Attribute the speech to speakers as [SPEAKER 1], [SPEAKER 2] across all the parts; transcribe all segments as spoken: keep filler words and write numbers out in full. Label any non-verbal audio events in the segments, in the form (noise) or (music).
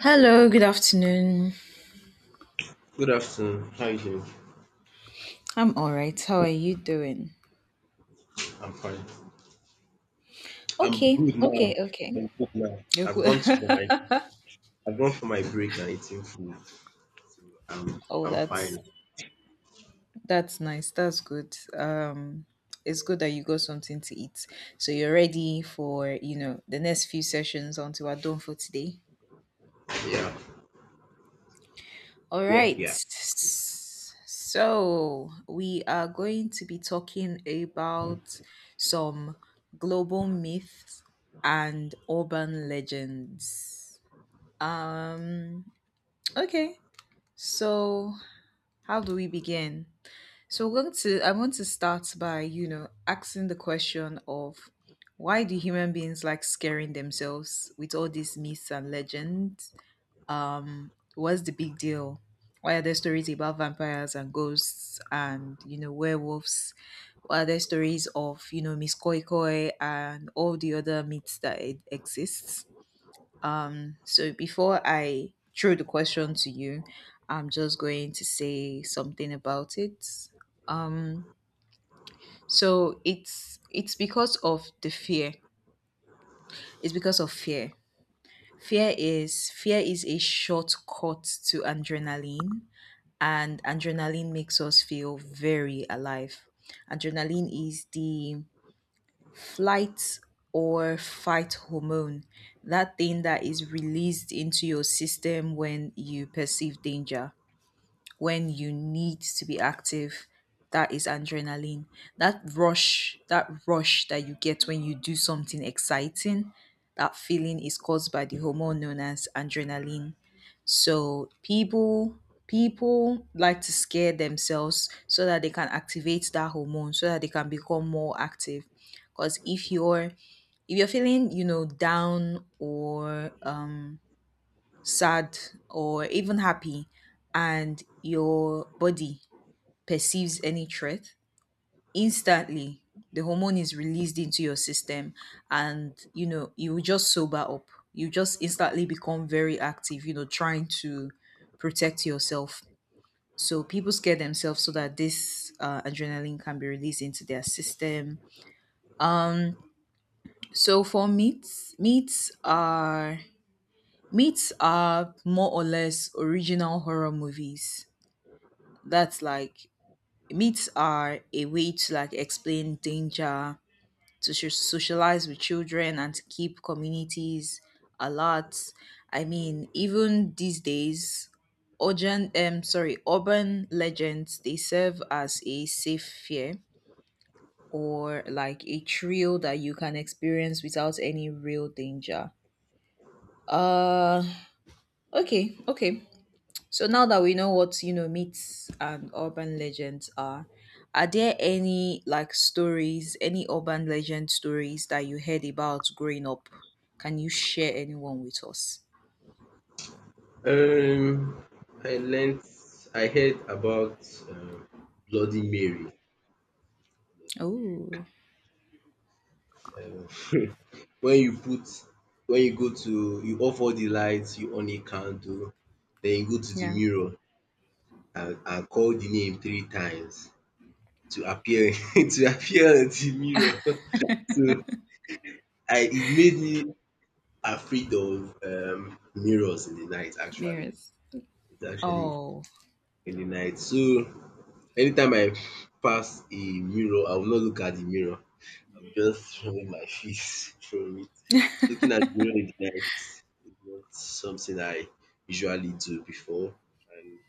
[SPEAKER 1] Hello, good afternoon.
[SPEAKER 2] Good afternoon. How are you doing?
[SPEAKER 1] I'm all right. How are you doing?
[SPEAKER 2] I'm fine. I'm
[SPEAKER 1] Okay,
[SPEAKER 2] good now.
[SPEAKER 1] okay, okay.
[SPEAKER 2] I'm good now.
[SPEAKER 1] You're
[SPEAKER 2] I've
[SPEAKER 1] good.
[SPEAKER 2] gone to for my I've gone for my break and eating food. I'm
[SPEAKER 1] (laughs) oh,
[SPEAKER 2] I'm
[SPEAKER 1] that's
[SPEAKER 2] fine.
[SPEAKER 1] that's nice. That's good. Um, it's good that you got something to eat, so you're ready for you know the next few sessions until we're done for today.
[SPEAKER 2] Yeah.
[SPEAKER 1] All
[SPEAKER 2] Yeah.
[SPEAKER 1] right.
[SPEAKER 2] Yeah.
[SPEAKER 1] So we are going to be talking about some global myths and urban legends. Um, Okay. So, how do we begin? So, we're going to I want to start by, you know, asking the question of why do human beings like scaring themselves with all these myths and legends? Um, what's the big deal? Why are there stories about vampires and ghosts and, you know, werewolves? Why are there stories of, you know, Miss Koi Koi and all the other myths that e- exists? Um, so before I throw the question to you, I'm just going to say something about it. Um, so it's it's because of the fear. It's because of fear. Fear is fear is a shortcut to adrenaline, and adrenaline makes us feel very alive. Adrenaline is the flight or fight hormone, that thing that is released into your system when you perceive danger, when you need to be active. That is adrenaline. That rush that rush that you get when you do something exciting, that feeling is caused by the hormone known as adrenaline. So people people like to scare themselves so that they can activate that hormone so that they can become more active. Because if you're if you're feeling you know down or um sad, or even happy, and your body perceives any threat, instantly the hormone is released into your system, and you know you will just sober up. You just instantly become very active, you know trying to protect yourself. So people scare themselves so that this uh, adrenaline can be released into their system. Um so for meats meats are meats are more or less original horror movies. That's like, myths are a way to like explain danger, to so- socialize with children and to keep communities alert. I mean, even these days urban um sorry urban legends, they serve as a safe fear, or like a thrill that you can experience without any real danger. uh okay, okay. So now that we know what you know myths and urban legends are, are there any like stories, any urban legend stories that you heard about growing up? Can you share anyone with us?
[SPEAKER 2] Um I learnt I heard about um Bloody Mary. Bloody
[SPEAKER 1] Oh,
[SPEAKER 2] Mary. Um, (laughs) when you put when you go to you off all the lights, you on a candle, then you go to the
[SPEAKER 1] yeah,
[SPEAKER 2] mirror and, and call the name three times. To appear (laughs) to appear in the mirror. (laughs) So I it made me afraid of um mirrors in the night actually.
[SPEAKER 1] mirrors.
[SPEAKER 2] It's actually
[SPEAKER 1] Oh, (laughs)
[SPEAKER 2] in the night. So anytime I pass a mirror, I will not look at the mirror. I will just remove my face (laughs) from it. Looking at the mirror in the night is not something I usually do before and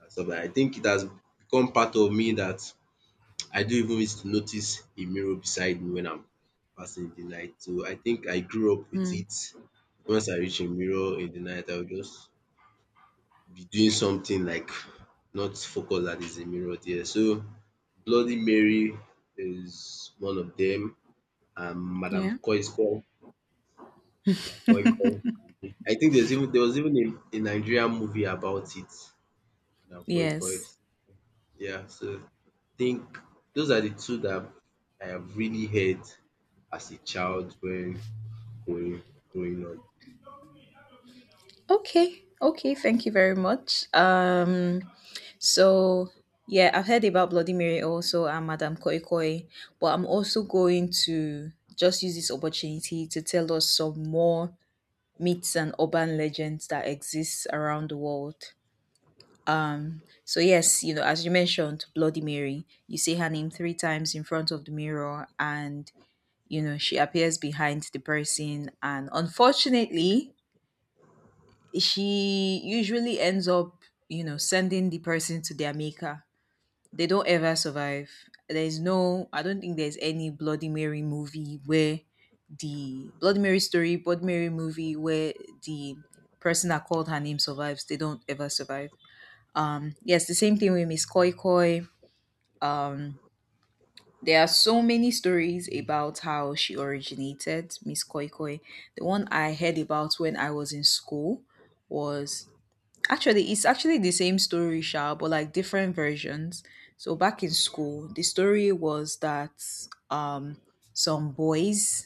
[SPEAKER 2] and stuff like I think it has become part of me that I don't even used to notice a mirror beside me when I'm passing the night. So I think I grew up with
[SPEAKER 1] mm,
[SPEAKER 2] it. Once I reach a mirror in the night, I will just be doing something like not focus that is a mirror there. So Bloody Mary is one of them, and Madam
[SPEAKER 1] yeah.
[SPEAKER 2] Koi Koi. Madam Koi Koi. I think there's even there was even a, a Nigerian movie about it. Madam Koi Koi.
[SPEAKER 1] Yes.
[SPEAKER 2] Yeah, so think those are the two that I have really heard as a child when growing growing up.
[SPEAKER 1] Okay, okay. Thank you very much. Um, So yeah, I've heard about Bloody Mary also and Madame Koi Koi, but I'm also going to just use this opportunity to tell us some more myths and urban legends that exist around the world. Um, so yes, you know, as you mentioned, Bloody Mary, you say her name three times in front of the mirror and you know, she appears behind the person and unfortunately, she usually ends up, you know, sending the person to their maker. They don't ever survive. There's no, I don't think there's any Bloody Mary movie where the Bloody Mary story, Bloody Mary movie where the person that called her name survives. They don't ever survive. Um, yes, the same thing with Miss Koi Koi. Um, there are so many stories about how she originated, Miss Koi Koi. The one I heard about when I was in school was, actually, it's actually the same story, Sha, but like different versions. So back in school, the story was that um, some boys,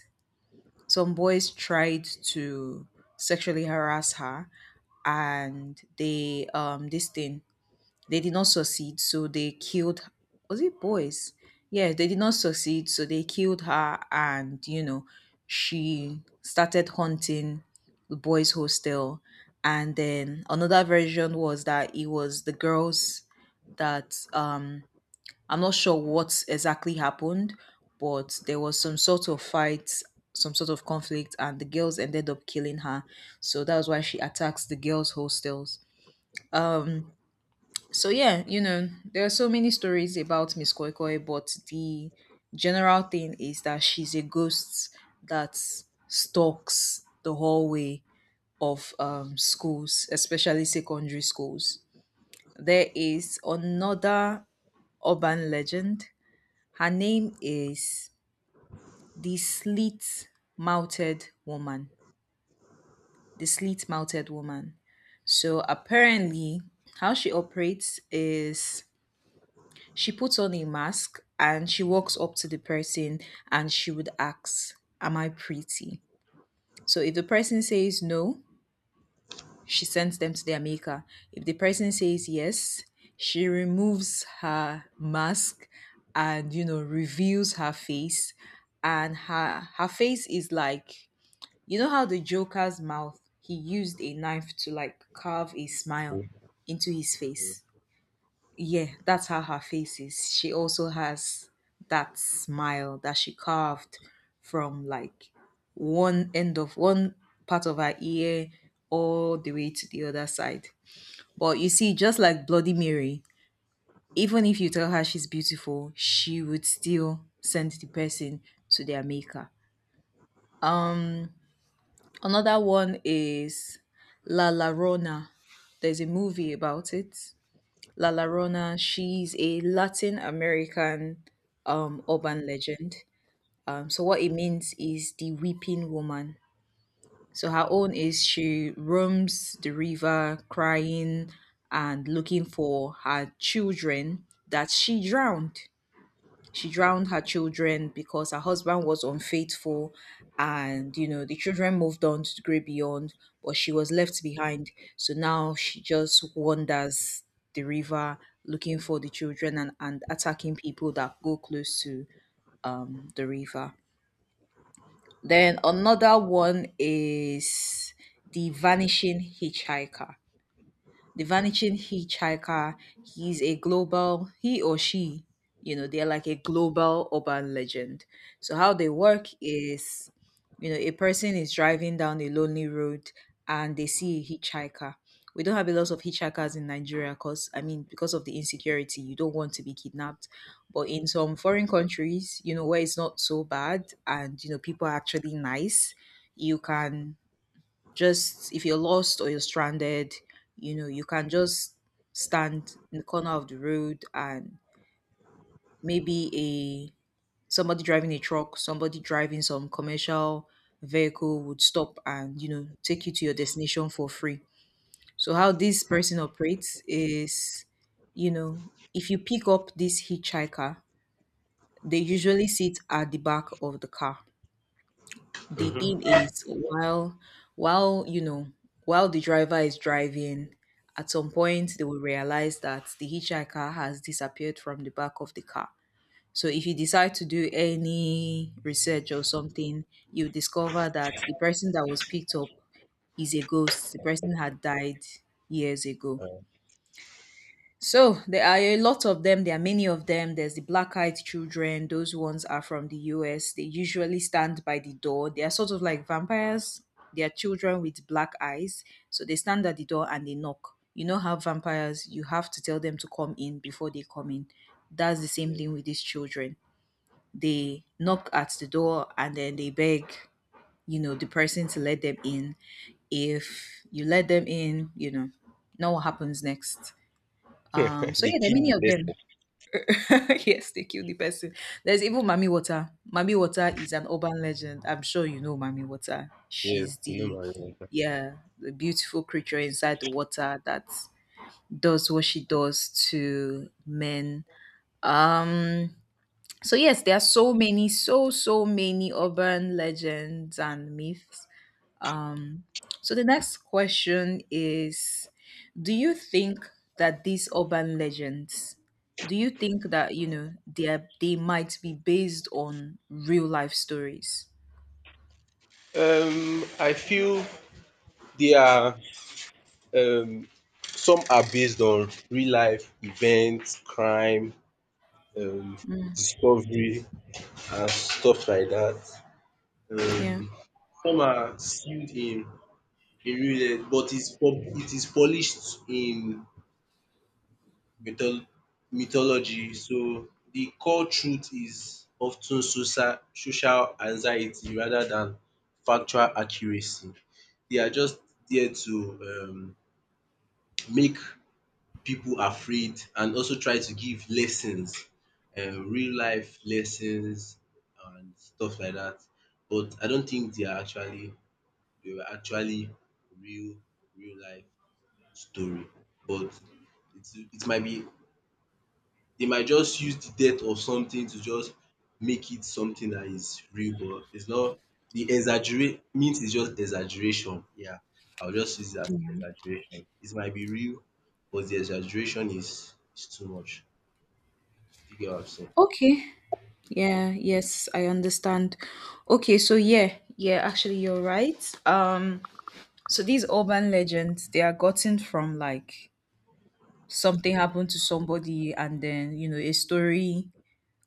[SPEAKER 1] some boys tried to sexually harass her, and they um, this thing, they did not succeed, so they killed. Was it boys? Yeah, they did not succeed, so they killed her, and you know, she started haunting the boys' hostel. And then another version was that it was the girls that um I'm not sure what exactly happened, but there was some sort of fight, some sort of conflict, and the girls ended up killing her. So that was why she attacks the girls' hostels. Um, so yeah, you know, there are so many stories about Miss Koi Koi, but the general thing is that she's a ghost that stalks the hallway of um, schools, especially secondary schools. There is another urban legend. Her name is the Slit Mouthed Woman. The Slit Mouthed Woman. So apparently, how she operates is, she puts on a mask and she walks up to the person and she would ask, "Am I pretty?" So if the person says no, she sends them to their maker. If the person says yes, she removes her mask and you know reveals her face, and her her face is like, you know how the joker's mouth, he used a knife to like carve a smile into his face, yeah, that's how her face is. She also has that smile that she carved from like one end of one part of her ear all the way to the other side. But you see, just like Bloody Mary, even if you tell her she's beautiful, she would still send the person to their maker. Another one is La Llorona. There's a movie about it, La Llorona. She's a Latin American um, urban legend. Um, so what it means is the weeping woman. So her own is, she roams the river crying and looking for her children that she drowned. She drowned her children because her husband was unfaithful, and you know the children moved on to the great beyond, but she was left behind. So now she just wanders the river looking for the children, and, and attacking people that go close to um, the river. Then another one is the vanishing hitchhiker. The vanishing hitchhiker, he's a global, he or she, you know, they're like a global urban legend. So how they work is, you know, a person is driving down a lonely road and they see a hitchhiker. We don't have a lot of hitchhikers in Nigeria because, I mean, because of the insecurity, you don't want to be kidnapped. But in some foreign countries, you know, where it's not so bad and, you know, people are actually nice, you can just, if you're lost or you're stranded, you know, you can just stand in the corner of the road and maybe a somebody driving a truck, somebody driving some commercial vehicle would stop and, you know, take you to your destination for free. So how this person operates is, you know, if you pick up this hitchhiker, they usually sit at the back of the car. The thing
[SPEAKER 2] Mhm.
[SPEAKER 1] is, while while you know while the driver is driving, at some point they will realize that the hitchhiker has disappeared from the back of the car. So if you decide to do any research or something, you discover that the person that was picked up is a ghost. The person had died years ago. So there are a lot of them. There are many of them. There's the black-eyed children. Those ones are from the U S. They usually stand by the door. They are sort of like vampires. They are children with black eyes. So they stand at the door and they knock. You know how vampires, you have to tell them to come in before they come in. That's the same thing with these children. They knock at the door and then they beg, you know, the person to let them in. If you let them in, you know, know what happens next. um, so
[SPEAKER 2] The
[SPEAKER 1] yeah, there are
[SPEAKER 2] key
[SPEAKER 1] many of them.
[SPEAKER 2] lesson,
[SPEAKER 1] (laughs) yes, they killed the person. There's even Mami Water. Mami Water is an urban legend. I'm sure you know Mami Water.
[SPEAKER 2] yes,
[SPEAKER 1] She's
[SPEAKER 2] to know
[SPEAKER 1] the,
[SPEAKER 2] my role.
[SPEAKER 1] yeah, the beautiful creature inside the water that does what she does to men. Um so yes, there are so many, so so many urban legends and myths. um, so the next question is, do you think that these urban legends, do you think that, you know, they, are, they might be based on real life stories?
[SPEAKER 2] Um, I feel they are um some are based on real life events, crime, um, discovery, and stuff like that.
[SPEAKER 1] Yeah.
[SPEAKER 2] Um, some are sealed in in real life, but it's pub- it is polished in mytho- mythology. So the core truth is often social social anxiety rather than factual accuracy. They are just there to um make people afraid and also try to give lessons, um real life lessons and stuff like that. But I don't think they are actually they were actually real real life story. But it it might be they might just use the death of something to just make it something that is real, but it's not the exaggerate means is just exaggeration. Yeah, I'll just use it as exaggeration. It might be real, but the exaggeration is is too much. Do you get what I'm saying?
[SPEAKER 1] Okay. Yeah, yes, I understand. Okay, so yeah, yeah, actually you're right. Um so these urban legends, they are gotten from like something happened to somebody, and then, you know, a story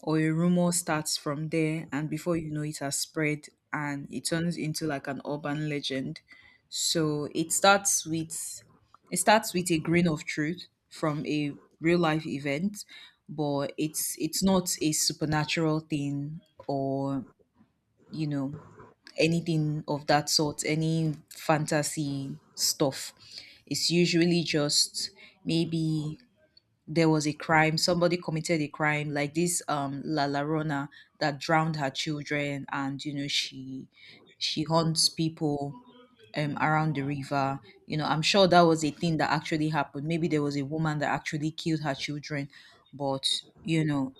[SPEAKER 1] or a rumor starts from there, and before you know it has spread and it turns into like an urban legend. So it starts with it starts with a grain of truth from a real life event. But it's it's not a supernatural thing, or you know anything of that sort, any fantasy stuff. It's usually just maybe there was a crime, somebody committed a crime like this, um la Llorona, that drowned her children. And, you know she she haunts people um around the river. You know, I'm sure that was a thing that actually happened. Maybe there was a woman that actually killed her children. But, you know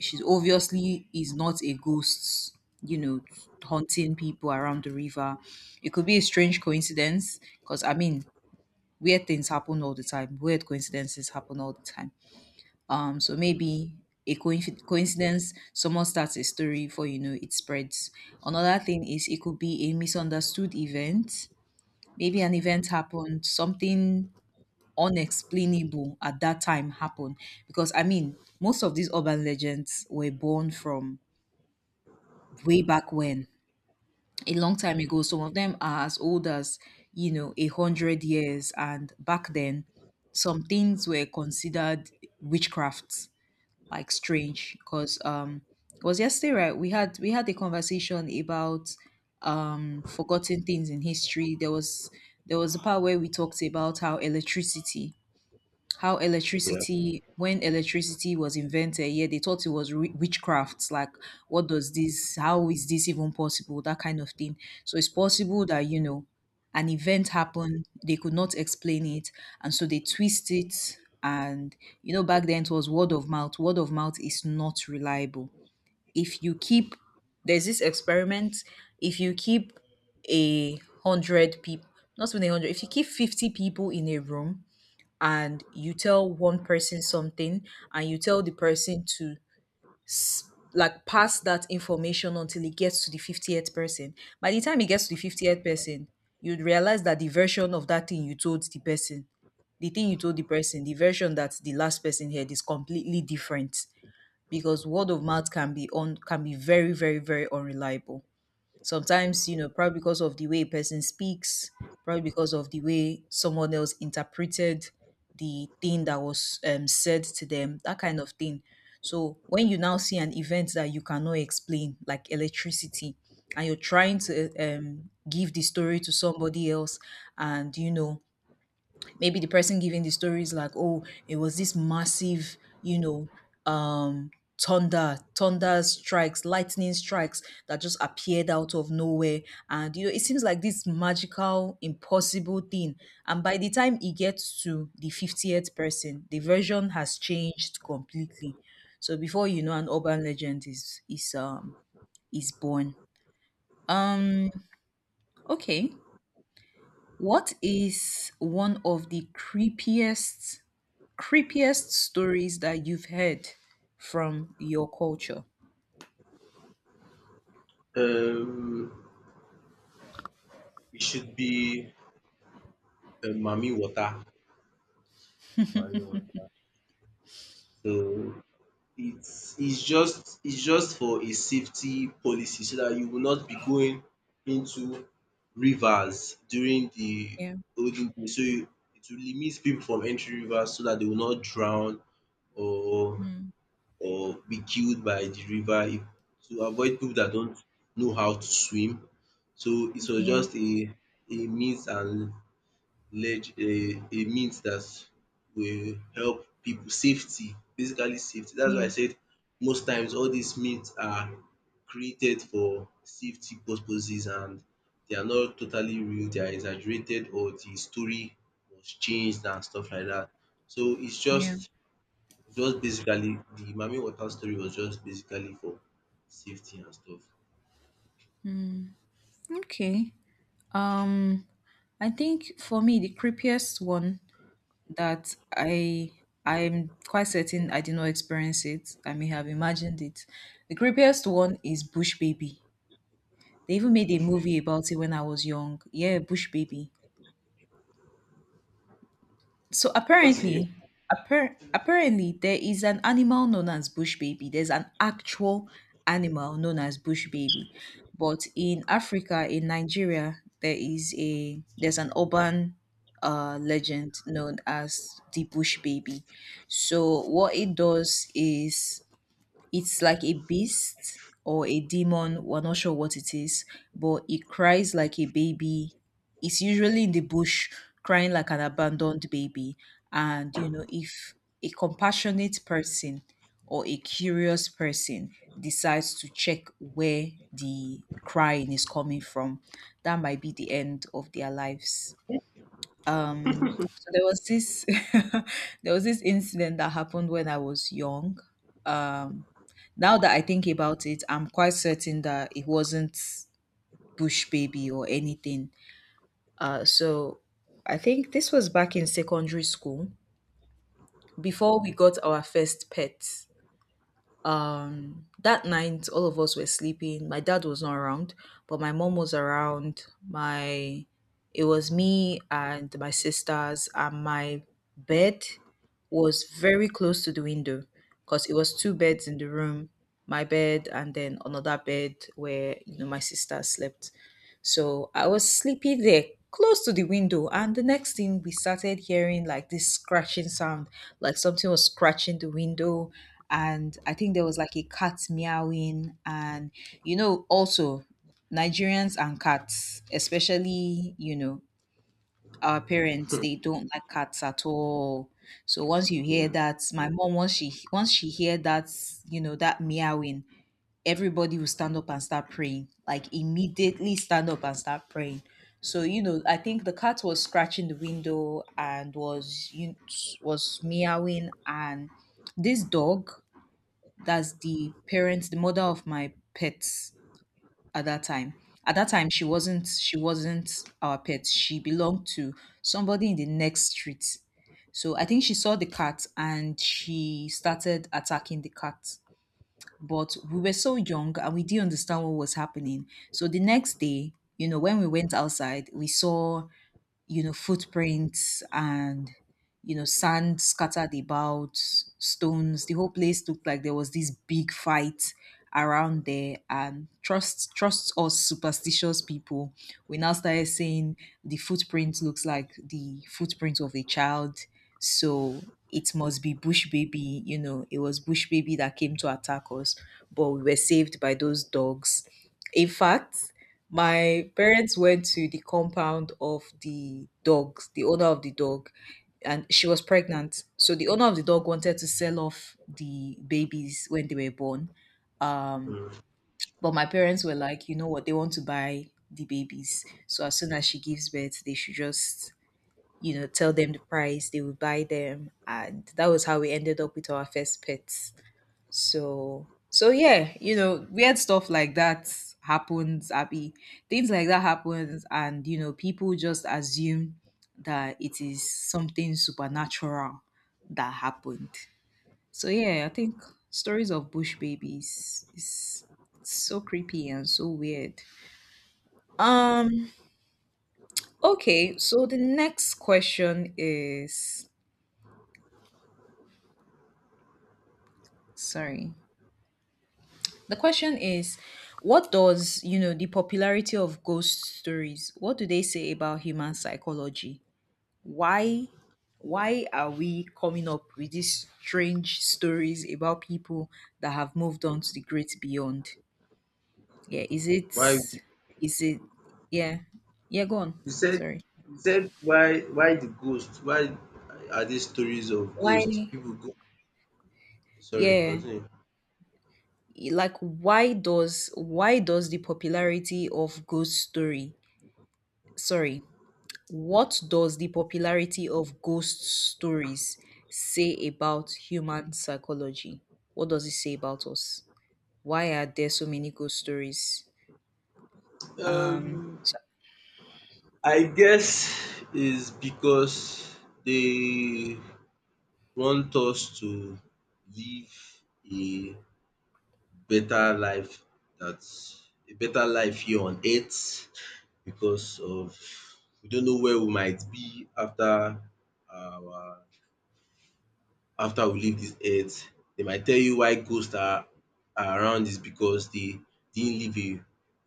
[SPEAKER 1] she's obviously is not a ghost, you know haunting people around the river. It could be a strange coincidence, because I mean, weird things happen all the time, weird coincidences happen all the time. um, so maybe a coinc- coincidence, someone starts a story, before you know it spreads. Another thing is, it could be a misunderstood event. Maybe an event happened, something unexplainable at that time happened. Because, I mean, most of these urban legends were born from way back when, a long time ago. Some of them are as old as, you know, a hundred years. And back then, some things were considered witchcraft, like strange, because um it was yesterday, right? We had we had a conversation about um forgotten things in history. There was there was a part where we talked about how electricity, how
[SPEAKER 2] Yeah.
[SPEAKER 1] electricity when electricity was invented. Yeah, they thought it was wi- witchcraft, like, what does this, how is this even possible? That kind of thing. So it's possible that, you know, an event happened, they could not explain it, and so they twist it. And, you know, back then it was word of mouth. Word of mouth is not reliable. If you keep There's this experiment. If you keep a hundred people, not even a hundred, if you keep fifty people in a room, and you tell one person something, and you tell the person to, like, pass that information until it gets to the fiftieth person. By the time it gets to the fiftieth person, you'd realize that the version of that thing you told the person, the thing you told the person, the version that the last person heard is completely different, because word of mouth can be on can be very, very, very unreliable. Sometimes, you know, probably because of the way a person speaks, probably because of the way someone else interpreted the thing that was, um, said to them, that kind of thing. So when you now see an event that you cannot explain, like electricity, and you're trying to um, give the story to somebody else, and you know, maybe the person giving the story is like, oh, it was this massive, you know, um, thunder, thunder strikes, lightning strikes, that just appeared out of nowhere. And, you know, it seems like this magical, impossible thing. And by the time it gets to the fiftieth person, the version has changed completely. So before you know, an urban legend is is um is born. Um, okay. What is one of the creepiest creepiest stories that you've heard from your culture?
[SPEAKER 2] Um, it should be um, mami water. Mami water. So It's it's just it's just for a safety policy so dat you will not be going into rivers during the
[SPEAKER 1] Yeah.
[SPEAKER 2] olden days. So you it will limit pipu from entering rivers so dat they will not drown or
[SPEAKER 1] Mm.
[SPEAKER 2] or be killed by the river if to avoid pipu dat don't know how to swim. So it was
[SPEAKER 1] Yeah.
[SPEAKER 2] just a a means and leg a a means that will help people safety, basically safety. That's why
[SPEAKER 1] Yeah.
[SPEAKER 2] I said most times all these means are created for safety purposes and they are not totally real, they are exaggerated or the story was changed and stuff like that. So it's
[SPEAKER 1] Yeah.
[SPEAKER 2] just just basically the Mami Water story was just basically for safety and stuff.
[SPEAKER 1] Okay. Um I think for me the creepiest one that I I'm quite certain I did not experience it. I may have imagined it. The creepiest one is Bush Baby. They even made a movie about it when I was young. Yeah, Bush Baby. So apparently, appar- apparently there is an animal known as bush baby. There's an actual animal known as bush baby. But in Africa, in Nigeria, there is a there's an urban uh, legend known as the bush baby. So what it does is, it's like a beast or a demon, we're not sure what it is, but it cries like a baby. It's usually in the bush, crying like an abandoned baby. And, you know, if a compassionate person or a curious person decides to check where the crying is coming from, that might be the end of their lives. So there was this (laughs) there was this incident that happened when I was young. Um now that I think about it, I'm quite certain that it wasn't Bush Baby or anything. Uh, so I think this was back in secondary school before we got our first pet. Um that night all of us were sleeping, my dad was not around, but my mom was around. My It was me and my sisters, and my bed was very close to the window, because it was two beds in the room, my bed and then another bed where, you know, my sister slept. So I was sleeping there close to the window, and the next thing, we started hearing like this scratching sound, like something was scratching the window. And I think there was like a cat meowing. And, you know, also Nigerians and cats, especially, you know, our parents, they don't like cats at all. So once you hear that, my mom, once she once she hear that, you know, that meowing, everybody will stand up and start praying, like immediately stand up and start praying. So you know, I think the cat was scratching the window and was you was meowing, and this dog, that's the parents, the mother of my pets at that time. At that time, she wasn't she wasn't our pet. She belonged to somebody in the next street. So I think she saw the cat and she started attacking the cat, but we were so young and we didn't understand what was happening. So the next day, you know, when we went outside, we saw, you know, footprints and, you know, sand scattered about, stones. The whole place looked like there was this big fight around there. And trust, trust us superstitious people. We now started saying the footprint looks like the footprint of a child. So it must be Bush Baby. You know, it was Bush Baby that came to attack us, but we were saved by those dogs. In fact, my parents went to the compound of the dogs, the owner of the dog, and she was pregnant. So the owner of the dog wanted to sell off the babies when they were born. Um,
[SPEAKER 2] um
[SPEAKER 1] but my parents were like, you know what, they want to buy the babies. So as soon as she gives birth, they should just, you know, tell them the price, they will buy them. And that was how we ended up with our first pet. So, so yeah, you know, weird stuff like that happens, Abby. Things like that happens, and you know, people just assume that it is something supernatural that happened. So yeah, I think stories of bush babies is so creepy and so weird. Um, okay, so the next question is, sorry. The question is, what does, you know, the popularity of ghost stories, what do they say about human psychology? Why why are we coming up with these strange stories about people that have moved on to the great beyond? Yeah, is it
[SPEAKER 2] Why
[SPEAKER 1] is it, yeah. Yeah, go on.
[SPEAKER 2] you said
[SPEAKER 1] Sorry.
[SPEAKER 2] you said why why the ghost? Why are these stories of
[SPEAKER 1] Why,
[SPEAKER 2] ghosts? People go sorry,
[SPEAKER 1] yeah,
[SPEAKER 2] continue.
[SPEAKER 1] like, why does why does the popularity of ghost story, sorry. What does the popularity of ghost stories say about human psychology? What does it say about us? Why are there so many ghost stories?
[SPEAKER 2] Um I guess is because they want us to live a better life, that's a better life here on earth because of we don't know where we might be after our after we leave dis earth. Dem might tell you why ghost are are around is because dey didn't live a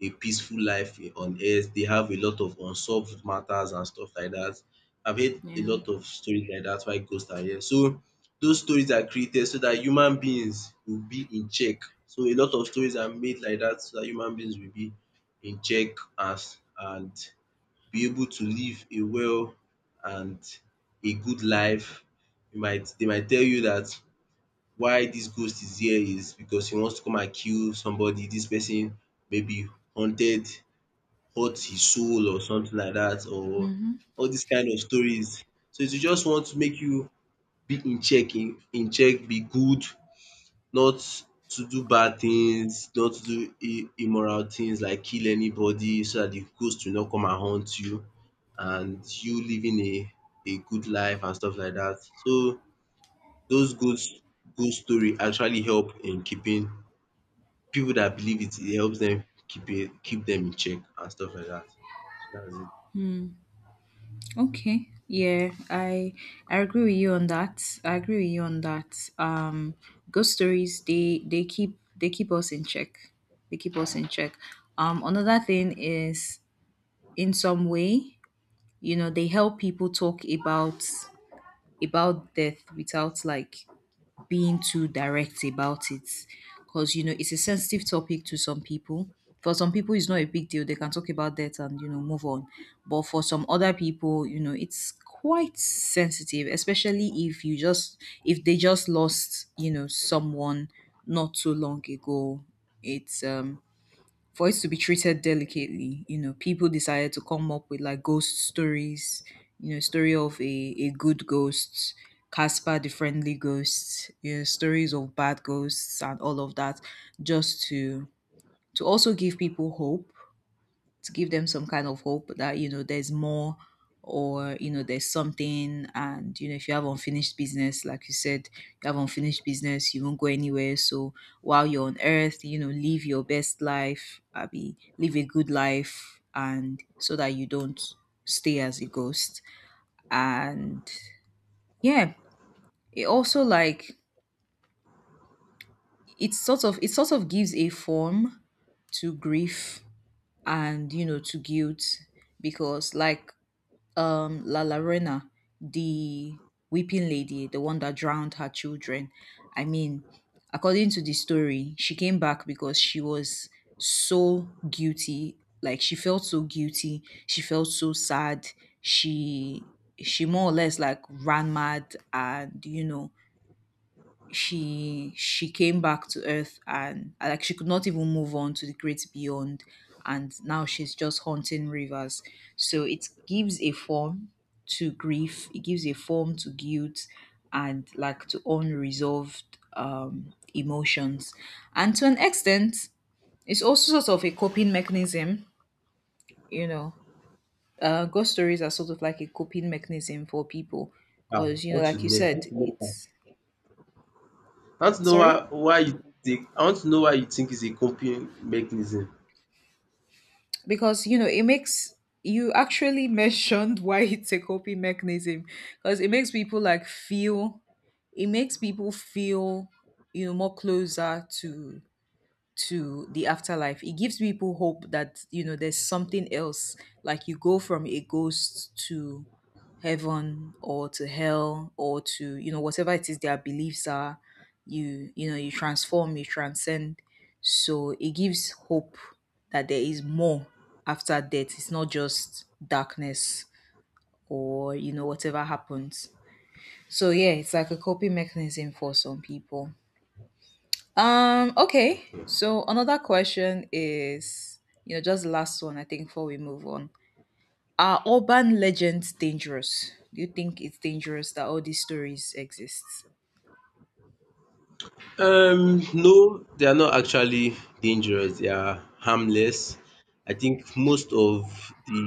[SPEAKER 2] a peaceful life on earth. They have a lot of unsolved matters and stuff like dat. I've heard a
[SPEAKER 1] Yeah.
[SPEAKER 2] lot of stories like dat why ghost are here. So those stories are created so dat human beings will be in check. So a lot of stories are made like dat so dat human beings will be in check as and be able to live a well and a good life. You might they might tell you that why dis ghost is here is because he wants to come and kill somebody. Dis person maybe haunted hurt his soul or something like dat or all dis kind of stories. So, they just want to make you be in check in in check, be good not to do bad things, not to do im immoral things like kill anybody so that the ghost will not come and haunt you and you living a a good life and stuff like that. So those ghost ghost story actually help in keeping people that believe it, it helps them keep it keep them in check and stuff like that. So dats it.
[SPEAKER 1] Okay. Yeah, I I agree with you on that. I agree with you on that. Um, ghost stories, they they keep they keep us in check. They keep us in check. Um, another thing is, in some way, you know, they help people talk about about death without like being too direct about it, because you know it's a sensitive topic to some people. For some people it's not a big deal, they can talk about that and you know move on. But for some other people, you know, it's quite sensitive, especially if you just if they just lost, you know, someone not too long ago. It's um for it to be treated delicately, you know, people decided to come up with like ghost stories. You know, story of a, a good ghost, Casper the Friendly Ghost, you know, stories of bad ghosts and all of that, just to to also give people hope, to give them some kind of hope that, you know, there's more, or you know there's something. And you know, if you have unfinished business, like you said, you have unfinished business, you won't go anywhere. So while you're on earth, you know, live your best life, Abby, live a good life, and so that you don't stay as a ghost. And yeah, it also like, it sort of it sort of gives a form to grief, and you know, to guilt, because like, um La Llorona, the weeping lady, the one that drowned her children. I mean, according to the story, she came back because she was so guilty. Like, she felt so guilty, she felt so sad. She she more or less like ran mad, and you know, she she came back to earth, and uh, like, she could not even move on to the great beyond, and now she's just haunting rivers. So it gives a form to grief, it gives a form to guilt, and like, to unresolved um emotions. And to an extent, it's also sort of a coping mechanism. You know, uh, ghost stories are sort of like a coping mechanism for people,
[SPEAKER 2] Ah, I
[SPEAKER 1] because you know,
[SPEAKER 2] want to
[SPEAKER 1] like you
[SPEAKER 2] learn how
[SPEAKER 1] said,
[SPEAKER 2] to know
[SPEAKER 1] it's,
[SPEAKER 2] how to know
[SPEAKER 1] sorry.
[SPEAKER 2] why why you think I want to know why you think is a coping mechanism.
[SPEAKER 1] Because you know, it makes, you actually mentioned (laughs) why it's a coping mechanism. Because it makes people like feel, it makes people feel you know, more closer to to the afterlife. It gives people hope that, you know, there's something else, like you go from a ghost to heaven or to hell, or to you know whatever it is their beliefs are. you you know, you transform, you transcend. So it gives hope that there is more after death, it's not just darkness, or you know whatever happens. So yeah, it's like a coping mechanism for some people. um, okay.
[SPEAKER 2] Okay.
[SPEAKER 1] So another question is, you know, just the last one, I think, before we move on. Are urban legends dangerous? Do you think it's dangerous that all these stories exist?
[SPEAKER 2] Um, no, they are not actually dangerous. They are harmless. I think most of the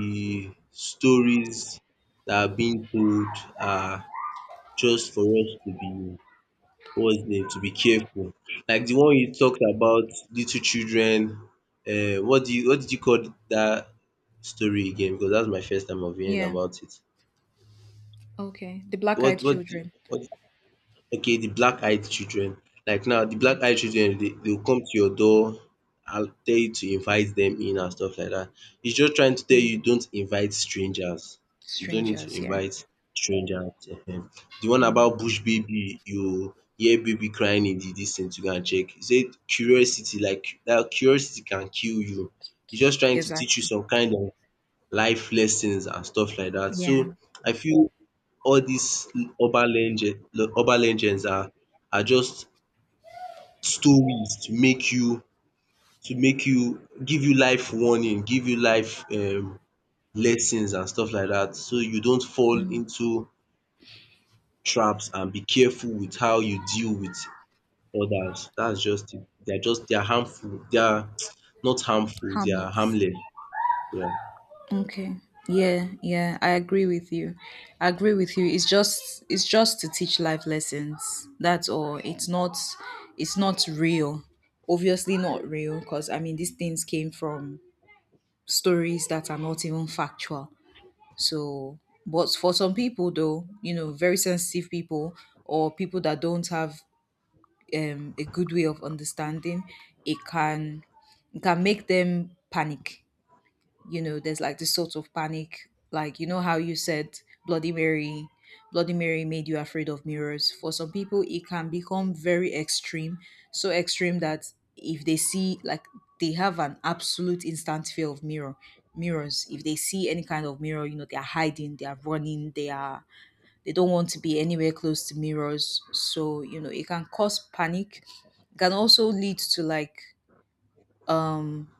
[SPEAKER 2] stories that are being told are just for us to be what's the name to be careful. Like the one you talked about, little children. Uh, what do you what did you call that story again? Because that's my first time of hearing
[SPEAKER 1] Yeah.
[SPEAKER 2] about it.
[SPEAKER 1] Okay. The black
[SPEAKER 2] What
[SPEAKER 1] eyed
[SPEAKER 2] what
[SPEAKER 1] children.
[SPEAKER 2] what okay, the black eyed children. Like now, the
[SPEAKER 1] Yeah.
[SPEAKER 2] black eyed children, they, they'll come to your door and tell you to invite them in and stuff like that. It's just trying to tell you don't invite strangers. You don't need to
[SPEAKER 1] Strangers, yeah.
[SPEAKER 2] invite strangers. Ehen. The one about bush baby, you hear baby crying in the distance, you go and check. You say curiosity, like that curiosity can kill you. It's just trying to teach you
[SPEAKER 1] Exactly.
[SPEAKER 2] some kind of life lessons and stuff like that.
[SPEAKER 1] Yeah.
[SPEAKER 2] So I feel all these urban legend le- urban legends are are just stories to make you to make you give you life warning, give you life um lessons and stuff like that so you don't fall
[SPEAKER 1] Mm.
[SPEAKER 2] into traps and be careful with how you deal with others. That's just it. They're just they're harmful. They are (tsk) not harmful, they are
[SPEAKER 1] Harmless.
[SPEAKER 2] harmless. Yeah.
[SPEAKER 1] Okay. Yeah, yeah, I agree with you. I agree with you. It's just it's just to teach life lessons. That's all. It's not it's not real. Obviously not real, because I mean these things came from stories that are not even factual. So, but for some people though, you know, very sensitive people or people that don't have um, a good way of understanding, it can it can make them panic. You know, there's like this sort of panic, like you know how you said Bloody Mary, Bloody Mary made you afraid of mirrors. For some people it can become very extreme, so extreme that if they see like, they have an absolute instant fear of mirror mirrors. If they see any kind of mirror, you know, they are hiding, they are running, they are, they don't want to be anywhere close to mirrors. So you know, it can cause panic. It can also lead to like, um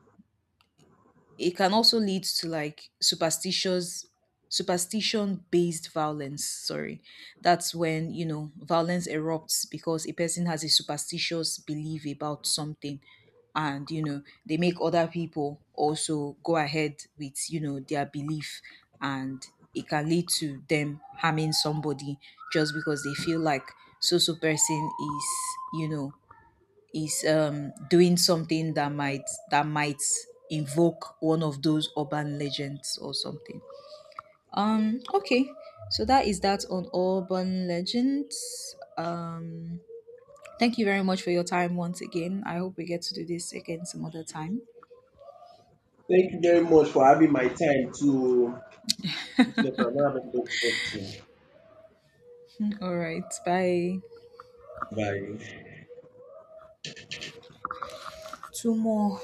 [SPEAKER 1] it can also lead to like superstitious superstition based violence, sorry. That's when, you know, violence erupts because a person has a superstitious belief about something, and you know, they make other people also go ahead with, you know, their belief. And it can lead to them harming somebody just because they feel like so so person is, you know, is um, doing something that might that might invoke one of those urban legends or something. Um, okay, so that is that on urban legends. Um, thank you very much for your time once again. I hope we get to do this again some other time.
[SPEAKER 2] Thank you very much for having my time to. If not, I'm
[SPEAKER 1] All right, bye.
[SPEAKER 2] bye.
[SPEAKER 1] Two more